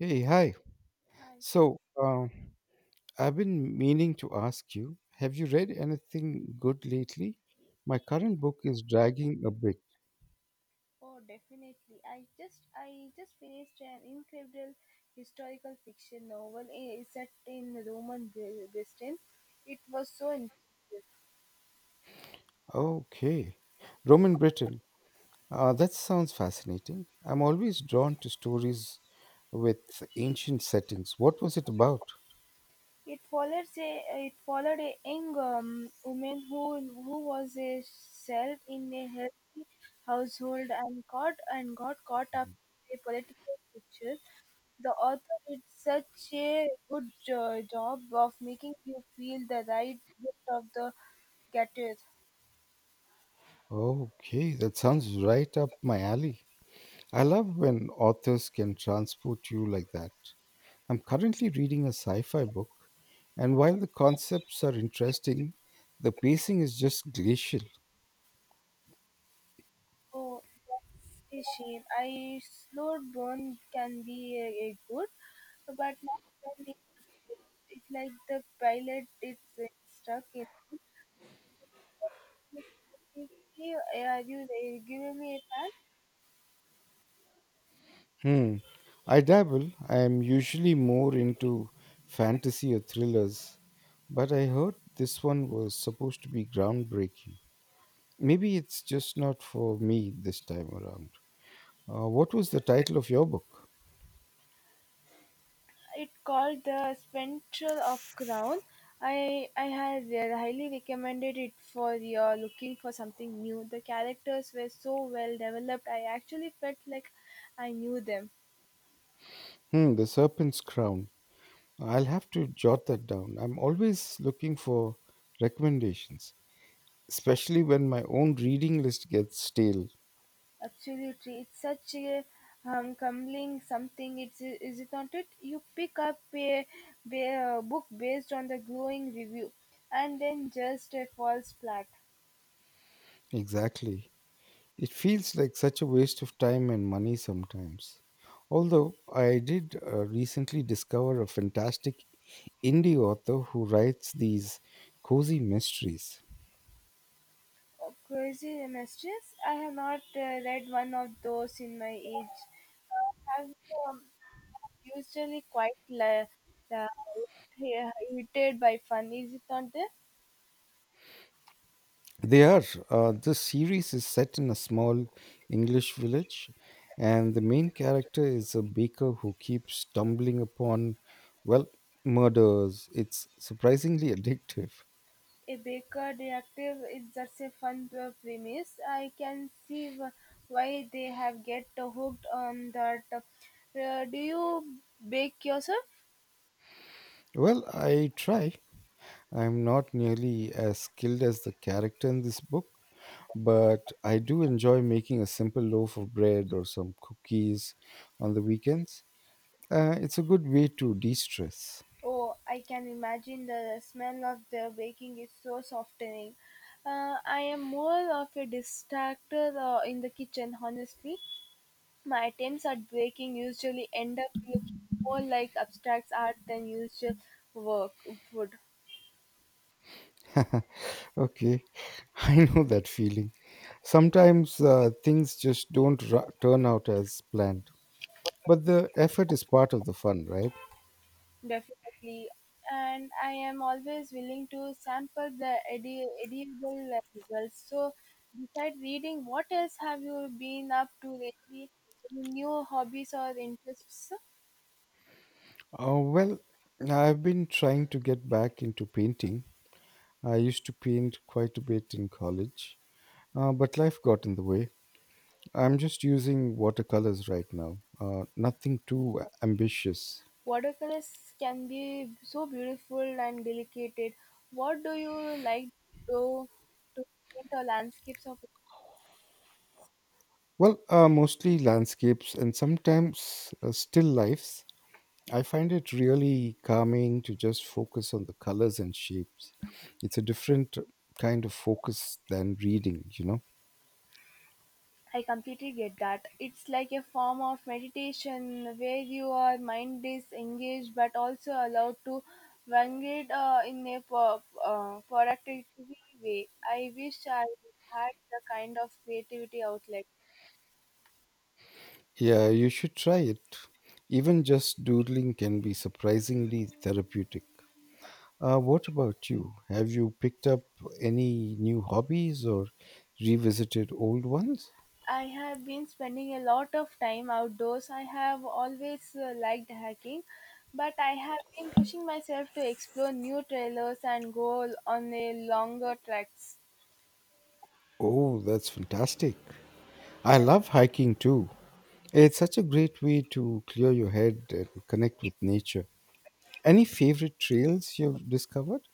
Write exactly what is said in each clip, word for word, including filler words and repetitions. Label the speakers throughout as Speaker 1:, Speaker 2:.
Speaker 1: Hey, hi.
Speaker 2: Hi.
Speaker 1: So, um, I've been meaning to ask you, have you read anything good lately? My current book is dragging a bit.
Speaker 2: Oh, definitely. I just I just finished an incredible historical fiction novel eh, set in Roman Bri- Britain. It was so impressive.
Speaker 1: Okay. Roman Britain. Uh, that sounds fascinating. I'm always drawn to stories with ancient settings. What was it about?
Speaker 2: It follows a it followed a young um, woman who who was a self in a healthy household and caught and got caught up in a political picture. The author did such a good jo- job of making you feel the right bit of the getter.
Speaker 1: Okay, that sounds right up my alley. I love when authors can transport you like that. I'm currently reading a sci fi book, and while the concepts are interesting, the pacing is just glacial.
Speaker 2: Oh, that's a shame. I slow burn can be a good, but not when it, it's like the pilot it's uh, stuck in. Specifically, are you there? Give me a fan?
Speaker 1: Hmm. I dabble, I am usually more into fantasy or thrillers, but I heard this one was supposed to be groundbreaking. Maybe it's just not for me this time around. Uh, what was the title of your book?
Speaker 2: It called the Spectral of Crown. I I had uh, highly recommended it for your looking for something new. The characters were so well developed. I actually felt like I knew them.
Speaker 1: Hmm, The Serpent's Crown. I'll have to jot that down. I'm always looking for recommendations, especially when my own reading list gets stale.
Speaker 2: Absolutely, it's such a um, humbling something. It's is it not? It you pick up a, ba- a book based on the glowing review, and then just a false flat.
Speaker 1: Exactly. It feels like such a waste of time and money sometimes. Although I did uh, recently discover a fantastic indie author who writes these cozy mysteries.
Speaker 2: Oh, crazy mistress, I have not uh, read one of those in my age. Uh, have um, usually quite la- la- irritated by fun. Is it not there?
Speaker 1: They are. Uh, this series is set in a small English village, and the main character is a baker who keeps stumbling upon, well, murders. It's surprisingly addictive.
Speaker 2: A Baker detective is just a fun uh, premise. I can see wh- why they have get hooked on that. Uh, do you bake yourself?
Speaker 1: Well, I try. I am not nearly as skilled as the character in this book, but I do enjoy making a simple loaf of bread or some cookies on the weekends. Uh, it's a good way to de stress.
Speaker 2: Oh, I can imagine the smell of the baking is so softening. Uh, I am more of a distractor uh, in the kitchen, honestly. My attempts at baking usually end up looking more like abstract art than usual work would.
Speaker 1: okay, I know that feeling. Sometimes uh, things just don't ru- turn out as planned, but the effort is part of the fun, right?
Speaker 2: Definitely. And I am always willing to sample the edi- edible uh, results. So, besides reading, what else have you been up to lately? Any new hobbies or interests?
Speaker 1: Uh, well, I've been trying to get back into painting. I used to paint quite a bit in college, uh, but life got in the way. I'm just using watercolors right now. Uh, nothing too ambitious.
Speaker 2: Watercolors can be so beautiful and delicate. What do you like to do to paint or landscapes of?
Speaker 1: Well, uh, mostly landscapes and sometimes uh, still lifes. I find it really calming to just focus on the colors and shapes. It's a different kind of focus than reading, you know?
Speaker 2: I completely get that. It's like a form of meditation where your mind is engaged but also allowed to wander uh, in a po- uh, productive way. I wish I had the kind of creativity outlet.
Speaker 1: Yeah, you should try it. Even just doodling can be surprisingly therapeutic. Uh, what about you? Have you picked up any new hobbies or revisited old ones?
Speaker 2: I have been spending a lot of time outdoors. I have always uh, liked hiking, but I have been pushing myself to explore new trailers and go on a longer treks.
Speaker 1: Oh, that's fantastic. I love hiking too. It's such a great way to clear your head and connect with nature. Any favorite trails you've discovered?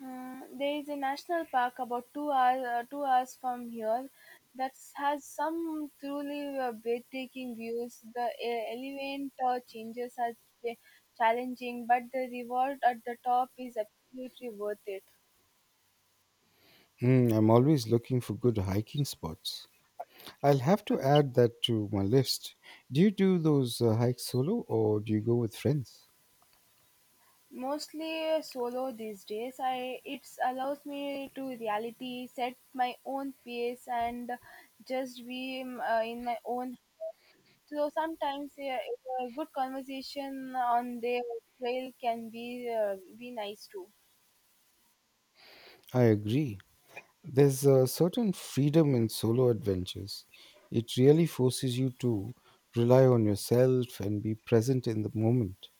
Speaker 2: Uh, there is a national park about two hours uh, two hours from here that has some truly uh, breathtaking views. The e- elevator changes are ch- challenging, but the reward at the top is absolutely worth it.
Speaker 1: Mm, I'm always looking for good hiking spots. I'll have to add that to my list. Do you do those uh, hikes solo or do you go with friends?
Speaker 2: Mostly uh, solo these days. I it allows me to reality set my own pace and just be um, uh, in my own. So sometimes, yeah, a good conversation on their trail can be uh, be nice too.
Speaker 1: I agree. There's a certain freedom in solo adventures. It really forces you to rely on yourself and be present in the moment.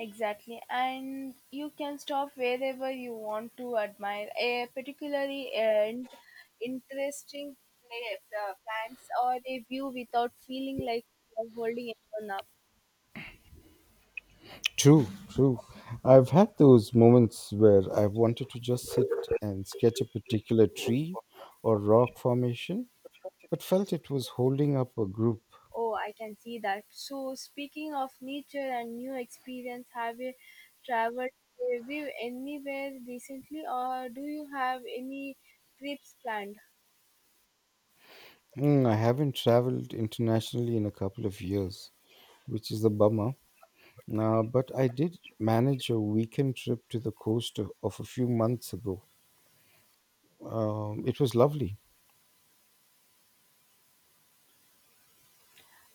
Speaker 2: Exactly, and you can stop wherever you want to admire a particularly and interesting place, uh, plants or a view without feeling like you're holding anyone up.
Speaker 1: True, true. I've had those moments where I wanted to just sit and sketch a particular tree or rock formation, but felt it was holding up a group.
Speaker 2: Oh, I can see that. So, speaking of nature and new experience, have you traveled have you anywhere recently, or do you have any trips planned?
Speaker 1: Mm, I haven't traveled internationally in a couple of years, which is a bummer. Uh, but I did manage a weekend trip to the coast of, of a few months ago. Um, it was lovely.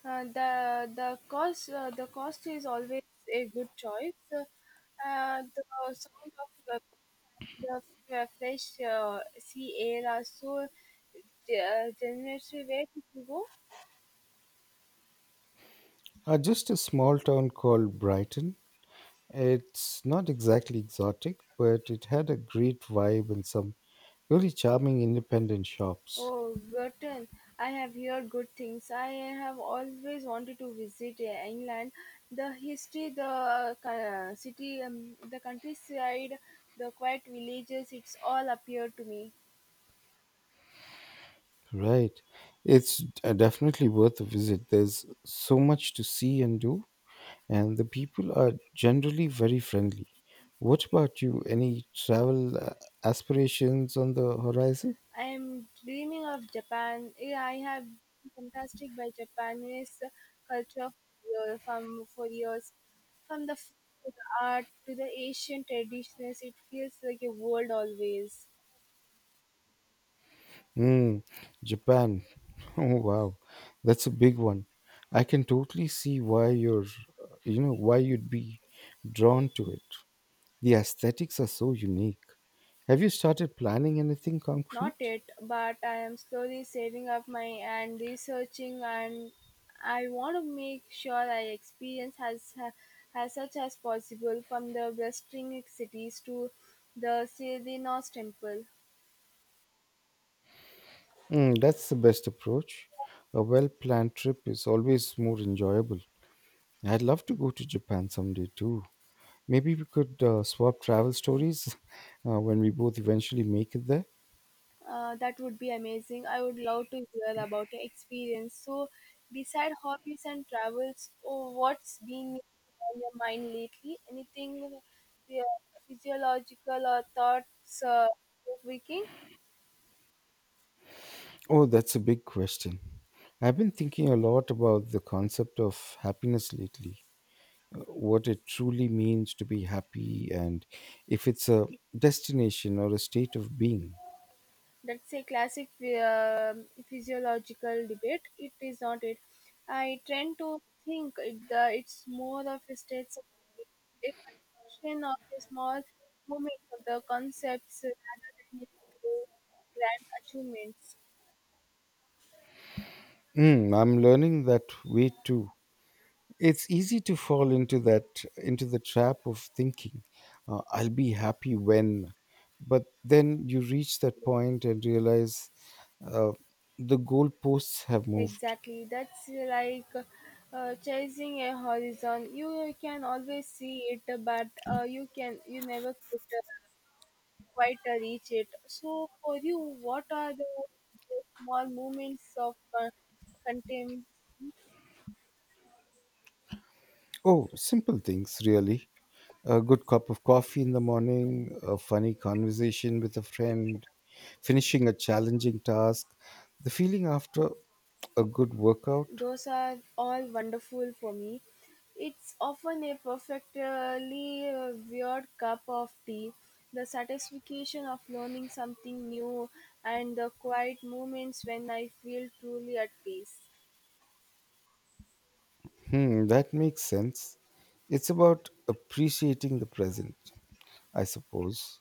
Speaker 2: Uh, the the cost uh, the cost is always a good choice. Uh, uh, the sound of uh, the f- fresh uh, sea air are so uh, generously. Where did you go?
Speaker 1: Uh, just a small town called Brighton. It's not exactly exotic, but it had a great vibe and some really charming independent shops.
Speaker 2: Oh, Britain. I have heard good things. I have always wanted to visit uh, England. The history, the uh, co- uh, city, um, the countryside, the quiet villages, it's all appeared to me.
Speaker 1: Right. It's uh, definitely worth a visit. There's so much to see and do, and the people are generally very friendly. What about you? Any travel uh, aspirations on the horizon?
Speaker 2: I am dreaming of Japan. Eh, I have been fantastic by Japanese culture for, from, for years. From the food to the art to the Asian traditions, it feels like a world always.
Speaker 1: Hmm, Japan. Oh, wow. That's a big one. I can totally see why you're, uh, you know, why you'd be drawn to it. The aesthetics are so unique. Have you started planning anything
Speaker 2: Not
Speaker 1: concrete?
Speaker 2: yet, but I am slowly saving up my and researching, and I want to make sure I experience as as such as possible from the blistering cities to the Sidinos temple.
Speaker 1: Mm, that's the best approach. A well planned trip is always more enjoyable. I'd love to go to Japan someday too. Maybe we could uh, swap travel stories uh, when we both eventually make it there.
Speaker 2: Uh, that would be amazing. I would love to hear about your experience. So, beside hobbies and travels, oh, what's been on your mind lately? Anything uh, physiological or thoughts uh, this weekend?
Speaker 1: Oh, that's a big question. I've been thinking a lot about the concept of happiness lately, uh, what it truly means to be happy, and if it's a destination or a state of being.
Speaker 2: That's a classic um physiological debate. It is not it. I tend to think it, the, it's more of a state of a collection of a small moments of the concepts rather than a grand achievements.
Speaker 1: Mm, I'm learning that way too. It's easy to fall into that into the trap of thinking, uh, I'll be happy when, but then you reach that point and realize, uh, the goalposts have moved.
Speaker 2: Exactly, that's like uh, chasing a horizon. You can always see it, but uh, you can you never quit quite uh, reach it. So, for you, what are the, the small moments of uh, contempt?
Speaker 1: Oh, simple things, really. A good cup of coffee in the morning, a funny conversation with a friend, finishing a challenging task, the feeling after a good workout.
Speaker 2: Those are all wonderful for me. It's often a perfectly uh, weird cup of tea. The satisfaction of learning something new and the quiet moments when I feel truly at peace.
Speaker 1: Hmm, that makes sense. It's about appreciating the present, I suppose.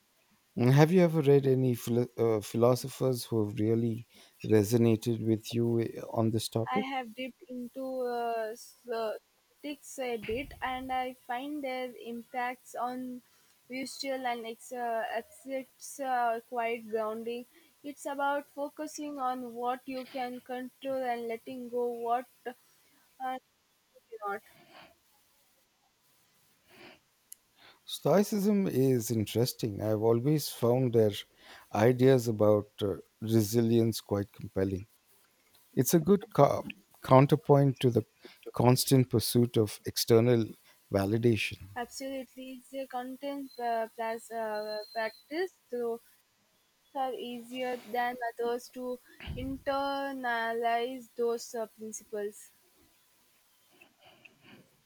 Speaker 1: Mm, have you ever read any philo- uh, philosophers who have really resonated with you eh, on this
Speaker 2: I
Speaker 1: topic?
Speaker 2: have dipped into uh, politics a bit, and I find their impacts on visual and ex- uh, exits uh, quite grounding. It's about focusing on what you can control and letting go what uh, you cannot.
Speaker 1: Stoicism is interesting. I've always found their ideas about uh, resilience quite compelling. It's a good co- counterpoint to the constant pursuit of external validation.
Speaker 2: Absolutely, it's a content uh, plus, uh, practice. So are easier than others to internalize those uh, principles.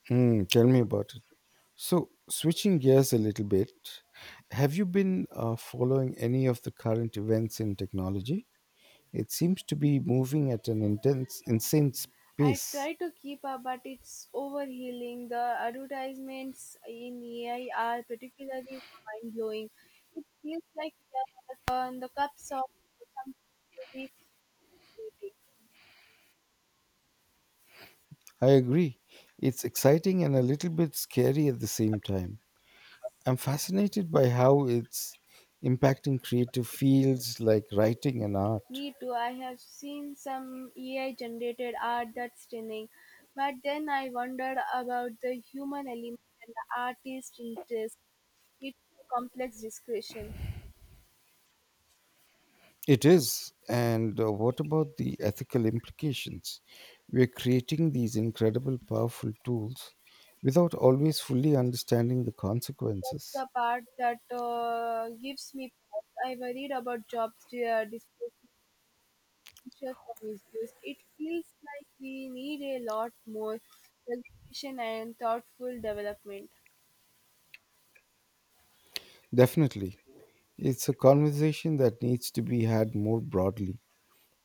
Speaker 1: Mm, tell me about it. So, switching gears a little bit, have you been uh, following any of the current events in technology? It seems to be moving at an intense, insane
Speaker 2: I
Speaker 1: pace.
Speaker 2: try to keep up, but it's overhealing. The advertisements in A I are particularly mind blowing. It feels like they are on the cups of some week's meeting.
Speaker 1: I agree. It's exciting and a little bit scary at the same time. I'm fascinated by how it's impacting creative fields like writing and art.
Speaker 2: Me too. I have seen some A I generated art that's stunning, but then I wondered about the human element and the artist interest. It's a complex discussion.
Speaker 1: It is. And uh, what about the ethical implications? We're creating these incredible, powerful tools without always fully understanding the
Speaker 2: That's
Speaker 1: consequences.
Speaker 2: the part that uh, gives me pause. I worried about jobs uh, displacement pressure for misuse, it feels like we need a lot more regulation and thoughtful development.
Speaker 1: Definitely. It's a conversation that needs to be had more broadly.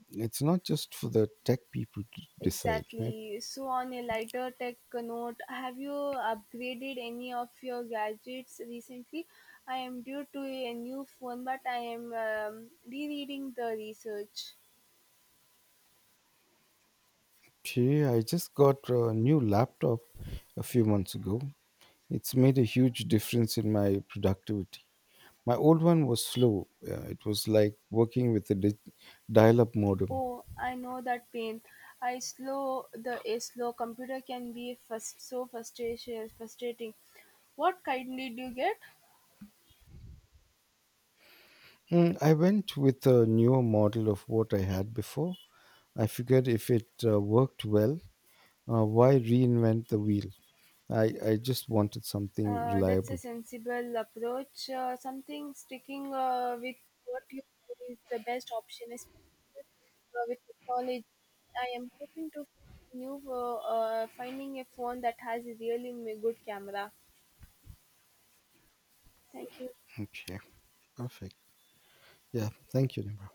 Speaker 1: It's not just for the tech people to decide, right?
Speaker 2: Exactly. So, on a lighter tech note, have you upgraded any of your gadgets recently? I am due to a new phone, but I am um, rereading the research.
Speaker 1: Gee, I just got a new laptop a few months ago. It's made a huge difference in my productivity. My old one was slow. Uh, it was like working with a di- dial-up modem.
Speaker 2: Oh, I know that pain. I slow the a slow computer can be frust- so frustration frustrating. What kindly do you get?
Speaker 1: Mm, I went with a newer model of what I had before. I figured if it uh, worked well, uh, why reinvent the wheel? I, I just wanted something
Speaker 2: Uh, that's a
Speaker 1: reliable.
Speaker 2: sensible approach. Uh, something sticking uh, with what you do is the best option, especially uh, with technology. I am hoping to new uh, uh, finding a phone that has a really m- good camera. Thank you.
Speaker 1: Okay, perfect. Yeah, thank you, Nimra.